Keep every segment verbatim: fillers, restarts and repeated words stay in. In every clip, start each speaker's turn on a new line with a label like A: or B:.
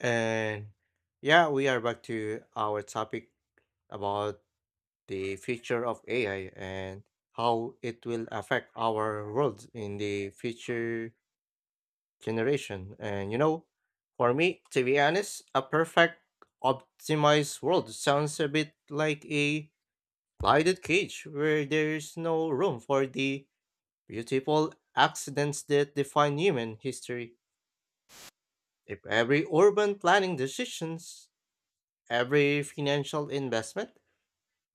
A: And yeah, we are back to our topic about the future of A I and how it will affect our world in the future generation. And you know, for me, to be honest, a perfect optimized world sounds a bit like a lighted cage where there's no room for the beautiful accidents that define human history. If every urban planning decisions, every financial investment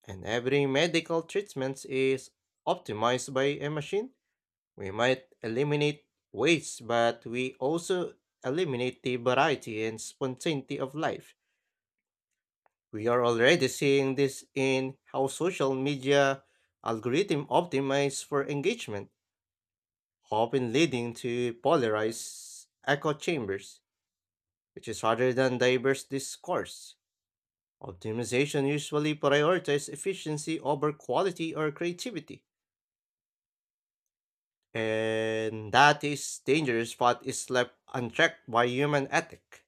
A: and every medical treatment is optimized by a machine, we might eliminate waste, but we also eliminate the variety and spontaneity of life. We are already seeing this in how social media algorithm optimize for engagement, often leading to polarized echo chambers, which is rather than diverse discourse. Optimization usually prioritizes efficiency over quality or creativity, and that is dangerous but is left unchecked by human ethic.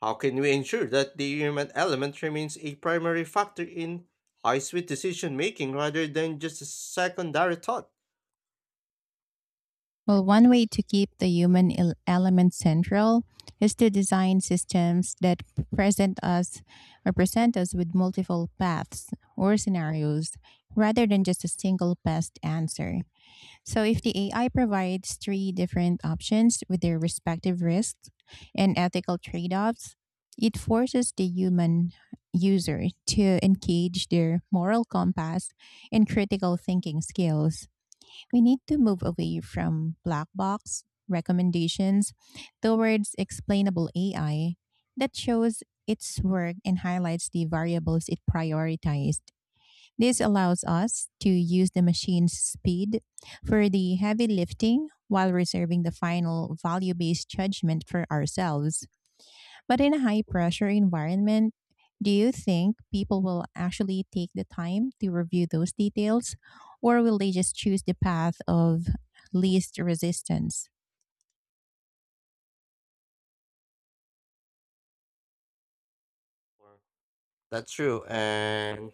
A: How can we ensure that the human element remains a primary factor in high sweet decision making rather than just a secondary thought?
B: Well, one way to keep the human el- element central is to design systems that present us or present us with multiple paths or scenarios rather than just a single best answer. So, if the A I provides three different options with their respective risks and ethical trade offs, it forces the human user to engage their moral compass and critical thinking skills. We need to move away from black box recommendations towards explainable A I that shows its work and highlights the variables it prioritized. This allows us to use the machine's speed for the heavy lifting while reserving the final value based judgment for ourselves. But in a high pressure environment, do you think people will actually take the time to review those details, or will they just choose the path of least resistance?
A: That's true. And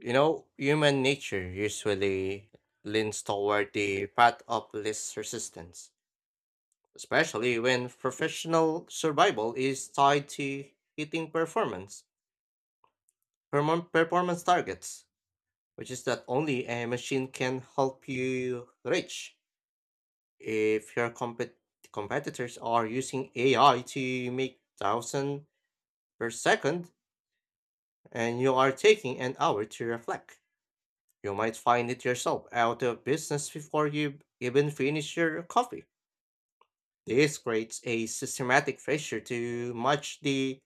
A: you know, human nature usually leans toward the path of least resistance, especially when professional survival is tied to hitting performance perform- performance targets, which is that only a machine can help you reach. If your compet- competitors are using A I to make thousand per second and you are taking an hour to reflect, you might find it yourself out of business before you even finish your coffee. This creates a systematic pressure to match the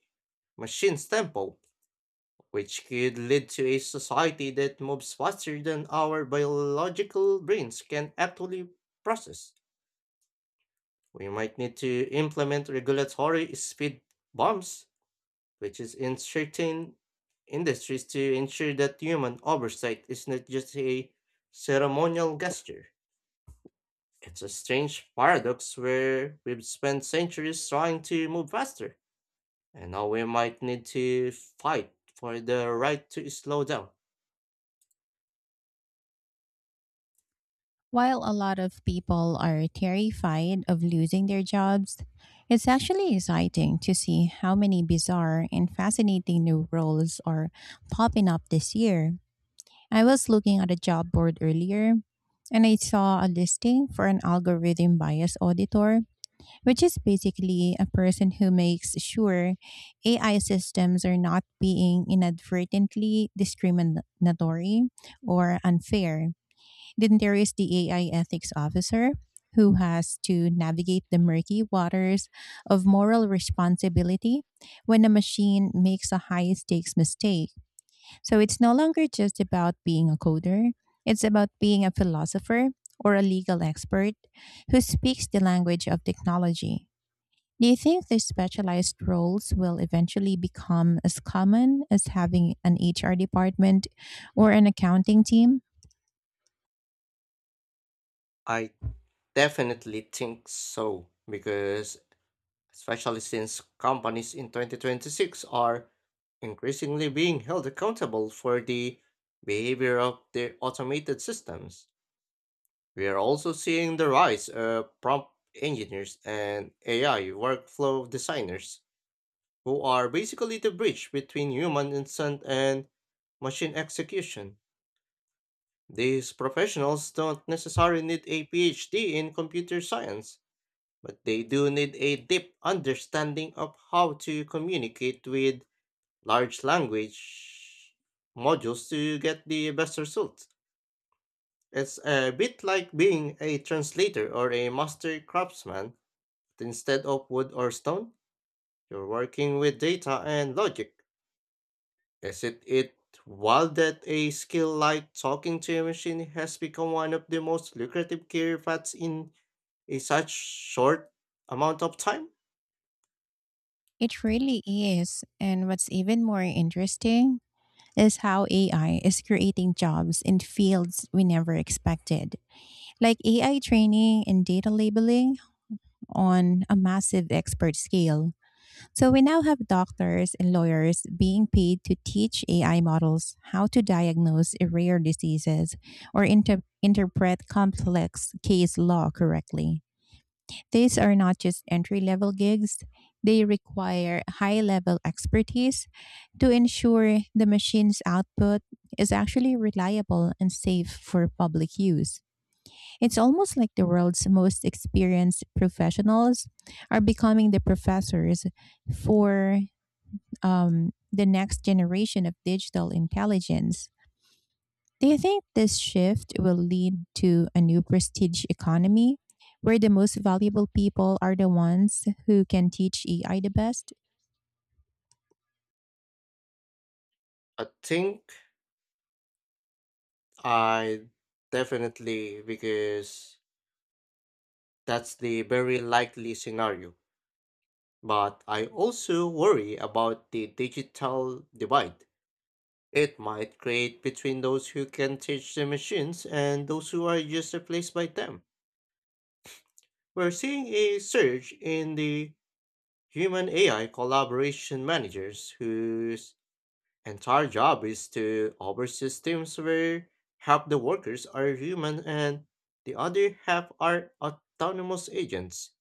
A: machine's tempo, which could lead to a society that moves faster than our biological brains can actually process. We might need to implement regulatory speed bumps, which is in certain industries to ensure that human oversight is not just a ceremonial gesture. It's a strange paradox where we've spent centuries trying to move faster, and now we might need to fight for the right to slow down.
B: While a lot of people are terrified of losing their jobs, it's actually exciting to see how many bizarre and fascinating new roles are popping up this year. I was looking at a job board earlier and I saw a listing for an algorithm bias auditor, which is basically a person who makes sure A I systems are not being inadvertently discriminatory or unfair. Then there is the A I ethics officer, who has to navigate the murky waters of moral responsibility when a machine makes a high stakes mistake. So it's no longer just about being a coder, it's about being a philosopher or a legal expert who speaks the language of technology. Do you think these specialized roles will eventually become as common as having an H R department or an accounting team?
A: I definitely think so, because especially since companies in twenty twenty-six are increasingly being held accountable for the behavior of their automated systems. We are also seeing the rise of prompt engineers and A I workflow designers, who are basically the bridge between human intent and machine execution. These professionals don't necessarily need a PhD in computer science, but they do need a deep understanding of how to communicate with large language modules to get the best results. It's a bit like being a translator or a master craftsman, but instead of wood or stone, you're working with data and logic. Isn't it wild that a skill like talking to a machine has become one of the most lucrative career paths in a such short amount of time?
B: It really is. And what's even more interesting is how A I is creating jobs in fields we never expected, like A I training and data labeling on a massive expert scale. So we now have doctors and lawyers being paid to teach A I models how to diagnose rare diseases or inter- interpret complex case law correctly. These are not just entry level gigs, they require high level expertise to ensure the machine's output is actually reliable and safe for public use. It's almost like the world's most experienced professionals are becoming the professors for um, the next generation of digital intelligence. Do you think this shift will lead to a new prestige economy where the most valuable people are the ones who can teach A I the best?
A: I think I definitely, because that's the very likely scenario. But I also worry about the digital divide. It might create between those who can teach the machines and those who are just replaced by them. We're seeing a surge in the human A I collaboration managers whose entire job is to oversee systems where half the workers are human and the other half are autonomous agents.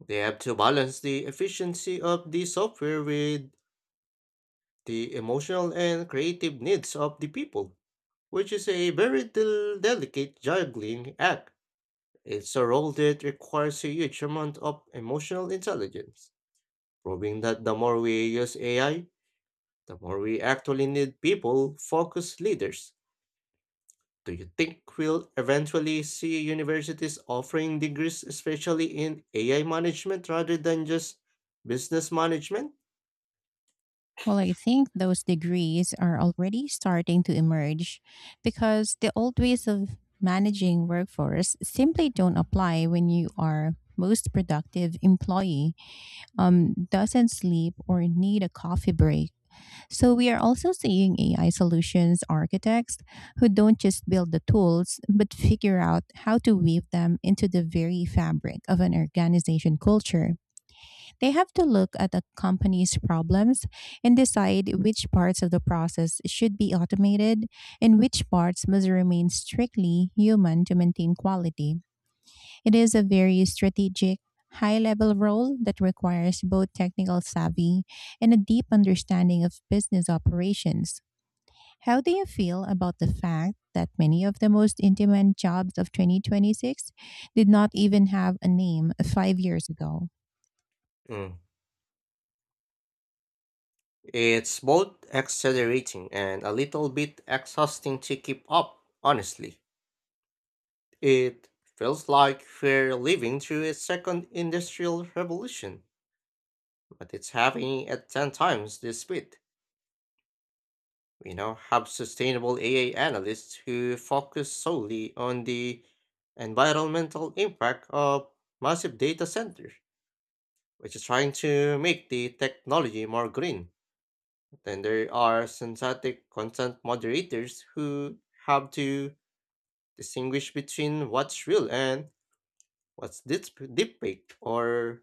A: They have to balance the efficiency of the software with the emotional and creative needs of the people, which is a very del- delicate juggling act. It's a role that requires a huge amount of emotional intelligence, proving that the more we use A I, the more we actually need people focused leaders. Do you think we'll eventually see universities offering degrees, especially in A I management rather than just business management?
B: Well, I think those degrees are already starting to emerge because the old ways of managing workforce simply don't apply when you are most productive employee um, doesn't sleep or need a coffee break. So we are also seeing A I solutions architects who don't just build the tools, but figure out how to weave them into the very fabric of an organization culture. They have to look at a company's problems and decide which parts of the process should be automated and which parts must remain strictly human to maintain quality. It is a very strategic, high level role that requires both technical savvy and a deep understanding of business operations. How do you feel about the fact that many of the most in demand jobs of twenty twenty-six did not even have a name five years ago?
A: Mm. It's both exhilarating and a little bit exhausting to keep up, honestly. It feels like we're living through a second industrial revolution, but it's happening at ten times the speed. We now have sustainable A I analysts who focus solely on the environmental impact of massive data centers, which is trying to make the technology more green. Then there are synthetic content moderators who have to distinguish between what's real and what's deep fake, or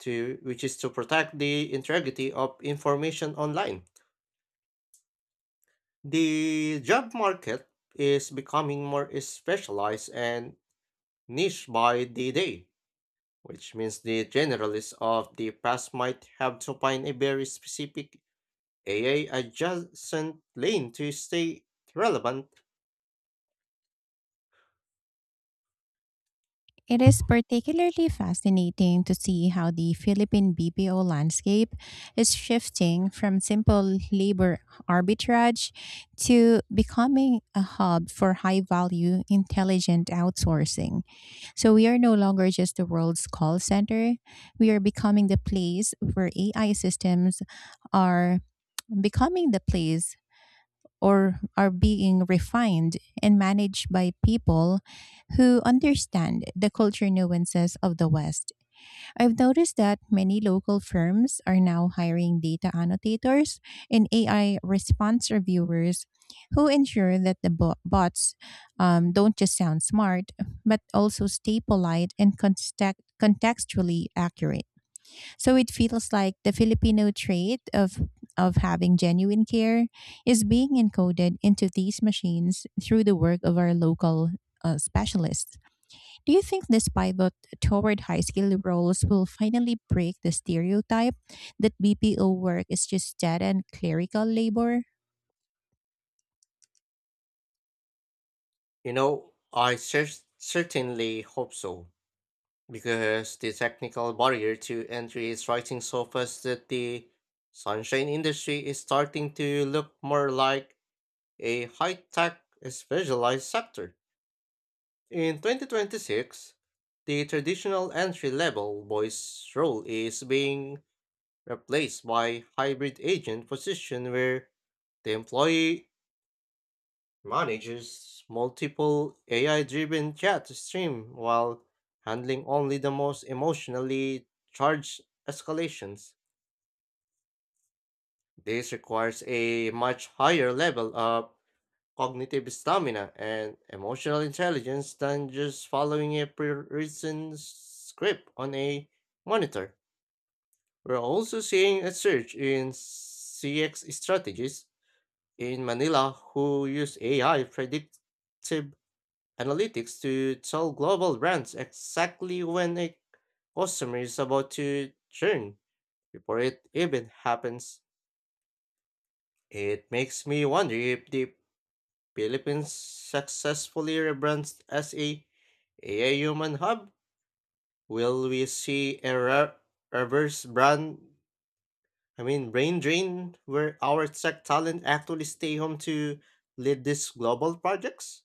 A: to which is to protect the integrity of information online. The job market is becoming more specialized and niche by the day, which means the generalists of the past might have to find a very specific A A adjacent lane to stay relevant.
B: It is particularly fascinating to see how the Philippine B P O landscape is shifting from simple labor arbitrage to becoming a hub for high value, intelligent outsourcing. So we are no longer just the world's call center, we are becoming the place where A I systems are becoming the place or are being refined and managed by people who understand the culture nuances of the West. I've noticed that many local firms are now hiring data annotators and A I response reviewers who ensure that the bo- bots um, don't just sound smart, but also stay polite and context- contextually accurate. So it feels like the Filipino trait of of having genuine care is being encoded into these machines through the work of our local uh, specialists. Do you think this pivot toward high skill roles will finally break the stereotype that B P O work is just data and clerical labor?
A: You know, I cer- certainly hope so, because the technical barrier to entry is rising so fast that the sunshine industry is starting to look more like a high tech specialized sector. In twenty twenty-six, the traditional entry level voice role is being replaced by hybrid agent position where the employee manages multiple A I driven chat stream while handling only the most emotionally charged escalations. This requires a much higher level of cognitive stamina and emotional intelligence than just following a pre-written script on a monitor. We're also seeing a surge in C X strategies in Manila who use A I predictive analytics to tell global brands exactly when a customer is about to churn before it even happens. It makes me wonder if the Philippines successfully rebrands as a AI Human Hub, will we see a re- reverse brand, I mean brain drain, where our tech talent actually stay home to lead these global projects?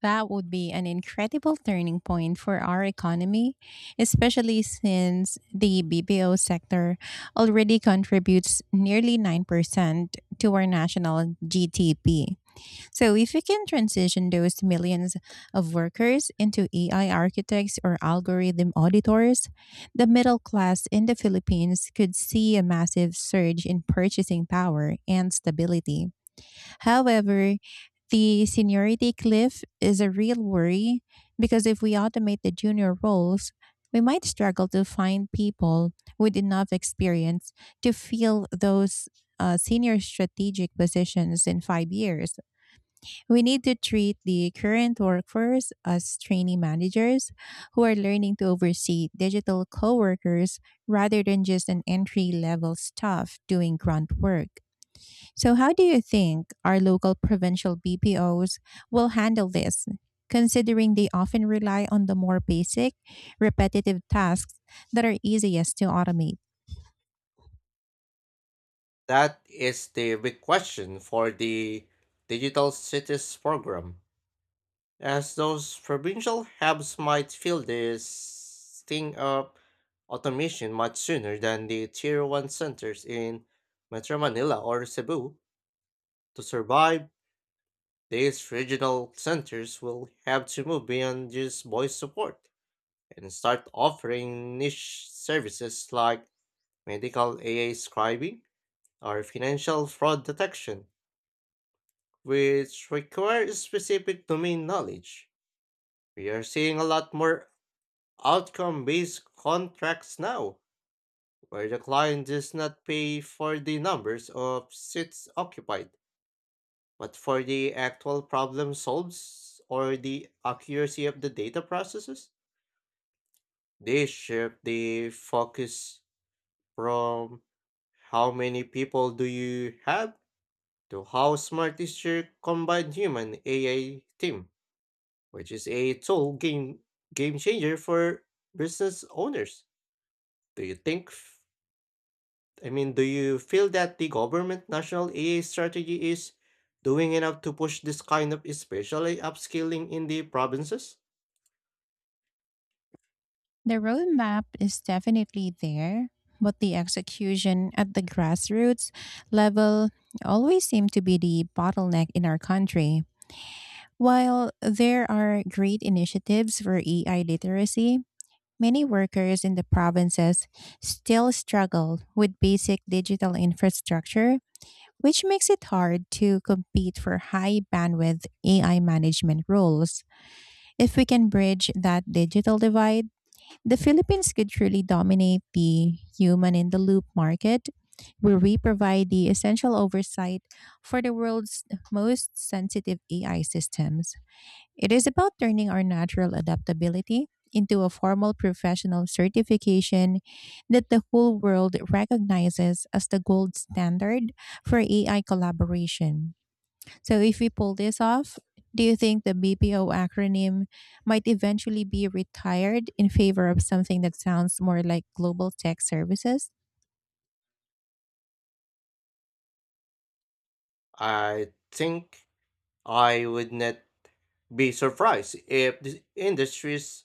B: That would be an incredible turning point for our economy, especially since the B P O sector already contributes nearly nine percent to our national G D P. So, if we can transition those millions of workers into A I architects or algorithm auditors, the middle class in the Philippines could see a massive surge in purchasing power and stability. However, the seniority cliff is a real worry because if we automate the junior roles, we might struggle to find people with enough experience to fill those uh, senior strategic positions in five years. We need to treat the current workforce as trainee managers who are learning to oversee digital coworkers rather than just an entry level staff doing grunt work. So, how do you think our local provincial B P Os will handle this, considering they often rely on the more basic, repetitive tasks that are easiest to automate?
A: That is the big question for the Digital Cities program, as those provincial hubs might feel the sting of automation much sooner than the Tier tier one centers in Metro Manila or Cebu. To survive, these regional centers will have to move beyond just voice support and start offering niche services like medical A I scribing or financial fraud detection, which require specific domain knowledge. We are seeing a lot more outcome based contracts now, where the client does not pay for the numbers of seats occupied, but for the actual problem solved or the accuracy of the data processes. They shift the focus from how many people do you have to how smart is your combined human A I team, which is a total game game changer for business owners. Do you think I mean, do you feel that the government national A I strategy is doing enough to push this kind of especially upskilling in the provinces?
B: The roadmap is definitely there, but the execution at the grassroots level always seems to be the bottleneck in our country. While there are great initiatives for A I literacy, many workers in the provinces still struggle with basic digital infrastructure, which makes it hard to compete for high bandwidth A I management roles. If we can bridge that digital divide, the Philippines could truly dominate the human in the loop market, where we provide the essential oversight for the world's most sensitive A I systems. It is about turning our natural adaptability into a formal professional certification that the whole world recognizes as the gold standard for A I collaboration. So, if we pull this off, do you think the B P O acronym might eventually be retired in favor of something that sounds more like global tech services?
A: I think I would not be surprised if the industries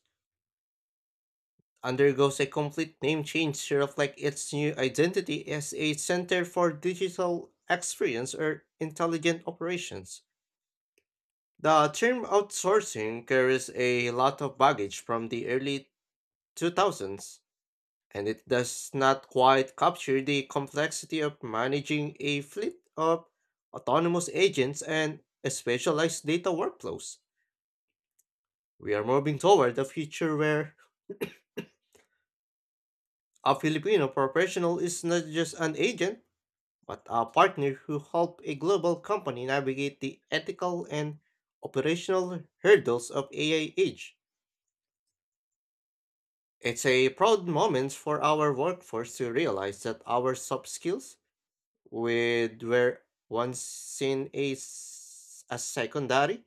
A: undergoes a complete name change to reflect its new identity as a center for digital experience or intelligent operations. The term outsourcing carries a lot of baggage from the early two thousands and it does not quite capture the complexity of managing a fleet of autonomous agents and specialized data workflows. We are moving toward a future where a Filipino professional is not just an agent, but a partner who helps a global company navigate the ethical and operational hurdles of A I age. It's a proud moment for our workforce to realize that our soft skills with were once seen as, as secondary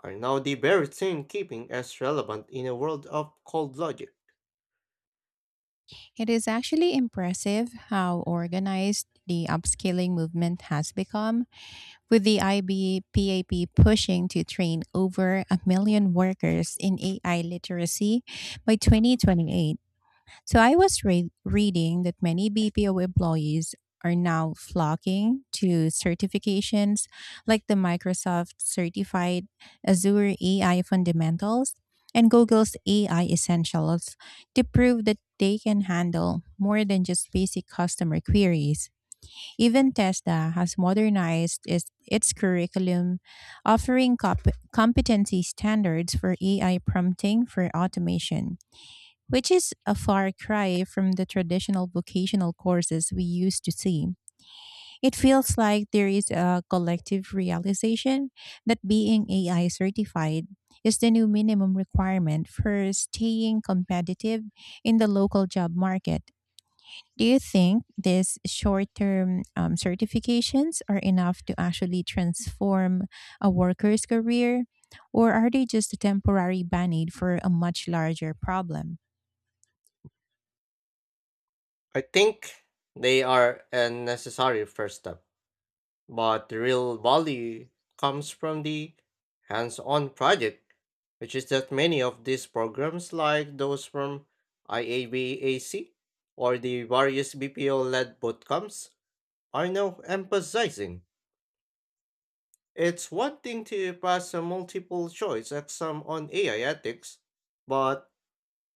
A: are now the very thing keeping us relevant in a world of cold logic.
B: It is actually impressive how organized the upscaling movement has become, with the I B P A P pushing to train over a million workers in A I literacy by twenty twenty-eight. So I was re- reading that many B P O employees are now flocking to certifications like the Microsoft Certified Azure A I Fundamentals and Google's A I Essentials to prove that they can handle more than just basic customer queries. Even Tesla has modernized its, its curriculum, offering cop- competency standards for A I prompting for automation, which is a far cry from the traditional vocational courses we used to see. It feels like there is a collective realization that being A I certified is the new minimum requirement for staying competitive in the local job market. Do you think these short term um, certifications are enough to actually transform a worker's career? Or are they just a temporary band aid for a much larger problem?
A: I think they are a necessary first step, but the real value comes from the hands on project, which is that many of these programs, like those from I A B A C or the various B P O led bootcamps, are now emphasizing. It's one thing to pass a multiple choice exam on A I ethics, but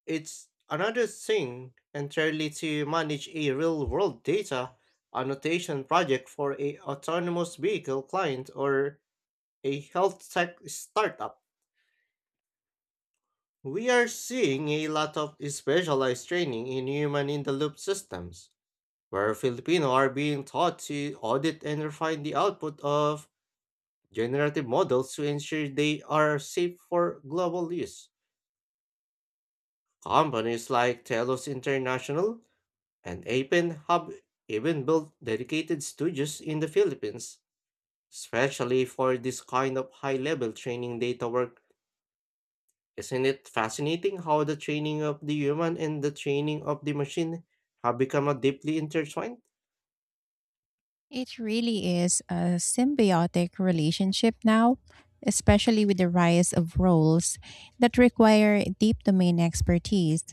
A: it's another thing entirely to manage a real world data annotation project for a autonomous vehicle client or a health tech startup. We are seeing a lot of specialized training in human in the loop systems, where Filipino are being taught to audit and refine the output of generative models to ensure they are safe for global use. Companies like Telos International and Apen have even built dedicated studios in the Philippines, especially for this kind of high level training data work. Isn't it fascinating how the training of the human and the training of the machine have become a deeply intertwined?
B: It really is a symbiotic relationship now, especially with the rise of roles that require deep domain expertise,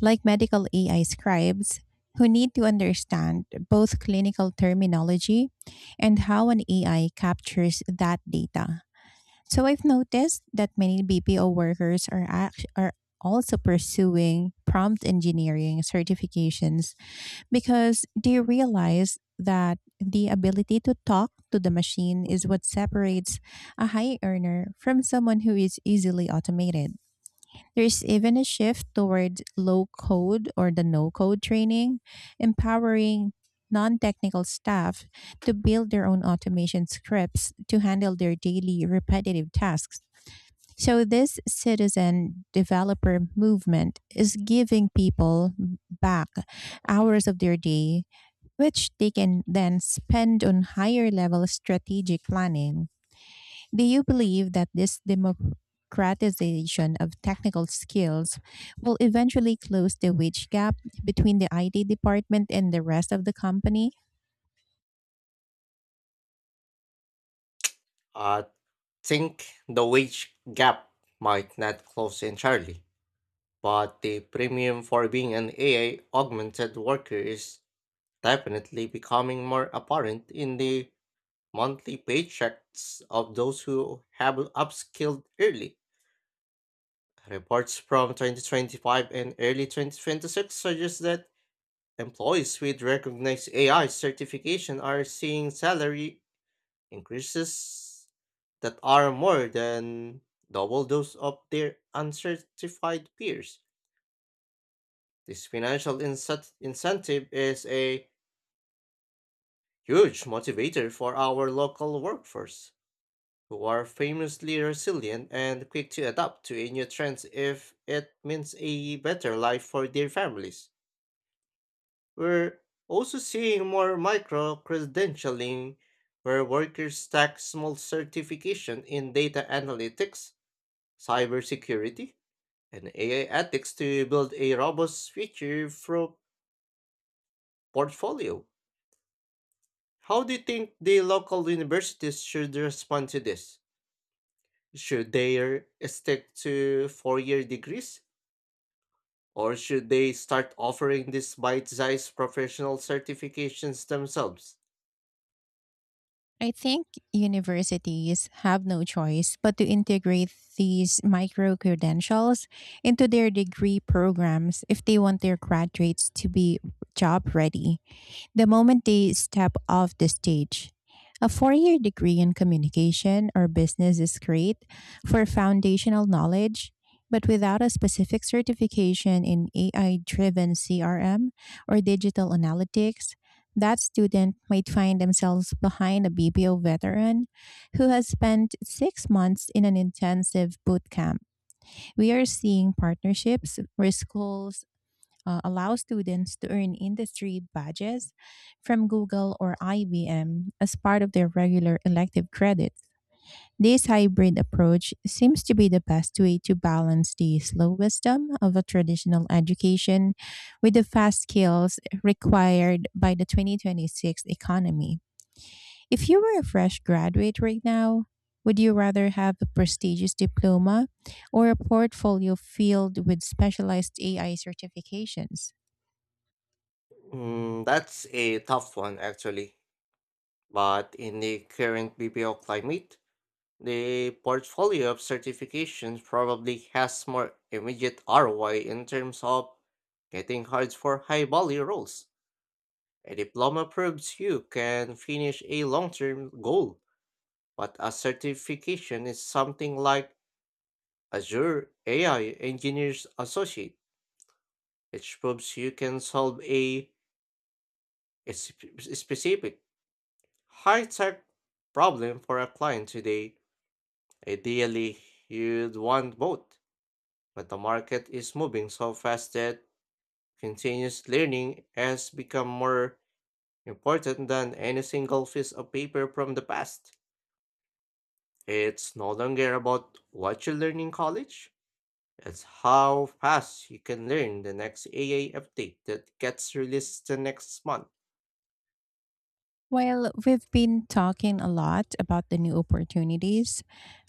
B: like medical A I scribes, who need to understand both clinical terminology and how an A I captures that data. So I've noticed that many B P O workers are act- are also pursuing prompt engineering certifications because they realize that the ability to talk to the machine is what separates a high earner from someone who is easily automated. There's even a shift toward low code or the no code training, empowering non technical staff to build their own automation scripts to handle their daily repetitive tasks. So, this citizen developer movement is giving people back hours of their day, which they can then spend on higher level strategic planning. Do you believe that this democratization of technical skills will eventually close the wage gap between the I T department and the rest of the company?
A: I think the wage gap might not close entirely, but the premium for being an A I augmented worker is definitely becoming more apparent in the monthly paychecks of those who have upskilled early. Reports from twenty twenty-five and early twenty twenty-six suggest that employees with recognized A I certification are seeing salary increases that are more than double those of their uncertified peers. This financial incent- incentive is a huge motivator for our local workforce, who are famously resilient and quick to adapt to a new trend if it means a better life for their families. We're also seeing more micro credentialing, where workers stack small certification in data analytics, cybersecurity, and A I ethics to build a robust future pro- portfolio. How do you think the local universities should respond to this? Should they er, stick to four year degrees? Or should they start offering these bite sized professional certifications themselves?
B: I think universities have no choice but to integrate these micro credentials into their degree programs if they want their graduates to be job ready the moment they step off the stage. A four year degree in communication or business is great for foundational knowledge, but without a specific certification in A I driven C R M or digital analytics, that student might find themselves behind a B P O veteran who has spent six months in an intensive boot camp. We are seeing partnerships where schools uh, allow students to earn industry badges from Google or I B M as part of their regular elective credits. This hybrid approach seems to be the best way to balance the slow wisdom of a traditional education with the fast skills required by the twenty twenty-six economy. If you were a fresh graduate right now, would you rather have a prestigious diploma or a portfolio filled with specialized A I certifications?
A: Mm, that's a tough one, actually. But in the current B P O climate, the portfolio of certifications probably has more immediate R O I in terms of getting hired for high value roles. A diploma proves you can finish a long term goal, but a certification is something like Azure A I Engineers Associate, which proves you can solve a, a sp- specific high tech problem for a client today. Ideally, you'd want both, but the market is moving so fast that continuous learning has become more important than any single piece of paper from the past. It's no longer about what you learn in college, it's how fast you can learn the next A A update that gets released the next month.
B: While we've been talking a lot about the new opportunities,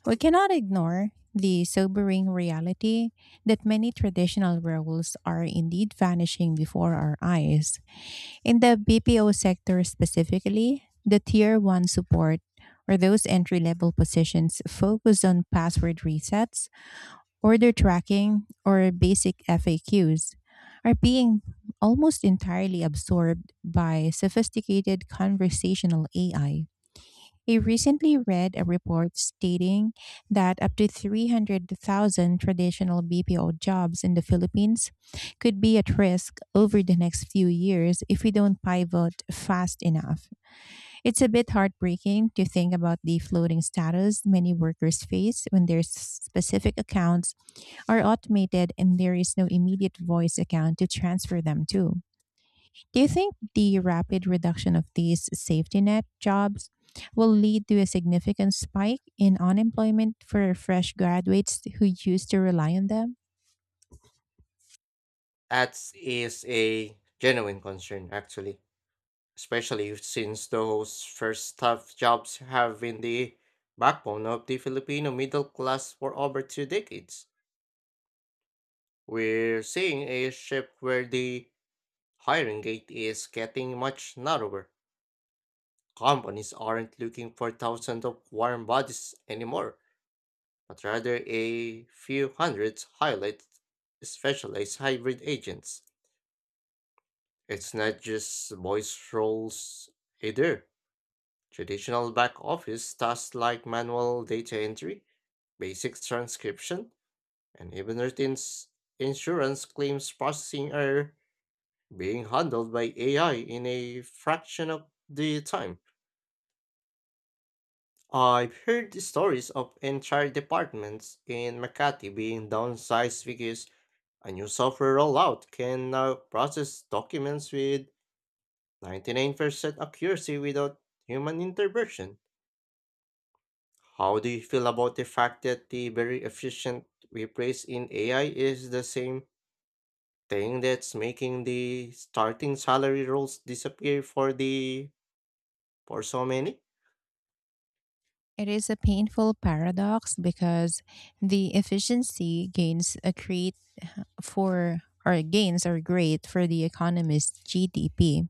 B: we cannot ignore the sobering reality that many traditional roles are indeed vanishing before our eyes. In the B P O sector specifically, the tier one support or those entry level positions focused on password resets, order tracking, or basic F A Qs are being almost entirely absorbed by sophisticated conversational A I. I I recently read a report stating that up to three hundred thousand traditional B P O jobs in the Philippines could be at risk over the next few years if we don't pivot fast enough. It's a bit heartbreaking to think about the floating status many workers face when their specific accounts are automated and there is no immediate voice account to transfer them to. Do you think the rapid reduction of these safety net jobs will lead to a significant spike in unemployment for fresh graduates who used to rely on them?
A: That is a genuine concern, actually, especially since those first tough jobs have been the backbone of the Filipino middle class for over two decades. We're seeing a shift where the hiring gate is getting much narrower. Companies aren't looking for thousands of warm bodies anymore, but rather a few hundreds highlight specialized hybrid agents. It's not just voice roles either. Traditional back office tasks like manual data entry, basic transcription, and even routine s- insurance claims processing are being handled by A I in a fraction of the time. I've heard stories of entire departments in Makati being downsized because a new software rollout can now process documents with ninety-nine percent accuracy without human intervention. How do you feel about the fact that the very efficient we place in A I is the same thing that's making the starting salary rolls disappear for the for so many?
B: It is a painful paradox because the efficiency gains a great for or gains are great for the economist's G D P,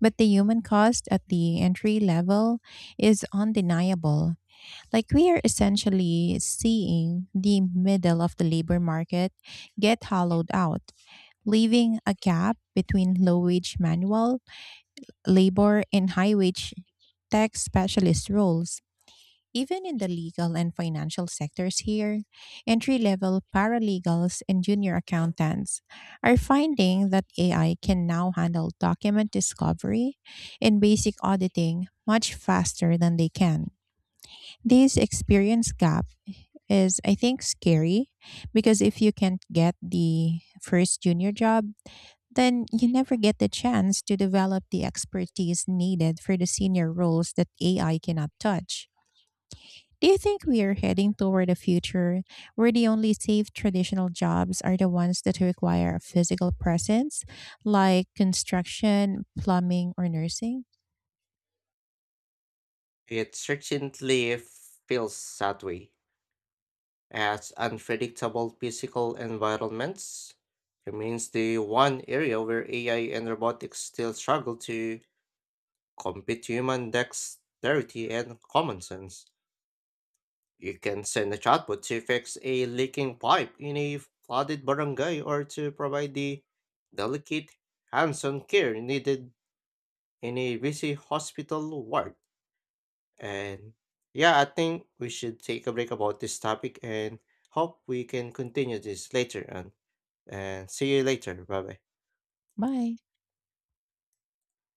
B: but the human cost at the entry level is undeniable. Like we are essentially seeing the middle of the labor market get hollowed out, leaving a gap between low wage manual labor and high wage tech specialist roles. Even in the legal and financial sectors here, entry level paralegals and junior accountants are finding that A I can now handle document discovery and basic auditing much faster than they can. This experience gap is, I think, scary because if you can't get the first junior job, then you never get the chance to develop the expertise needed for the senior roles that A I cannot touch. Do you think we are heading toward a future where the only safe traditional jobs are the ones that require a physical presence, like construction, plumbing, or nursing?
A: It certainly feels that way, as unpredictable physical environments remains the one area where A I and robotics still struggle to compete human dexterity and common sense. You can send a chatbot to fix a leaking pipe in a flooded barangay or to provide the delicate hands-on care needed in a busy hospital ward. And yeah, I think we should take a break about this topic and hope we can continue this later on. And see you later. Bye bye.
B: Bye.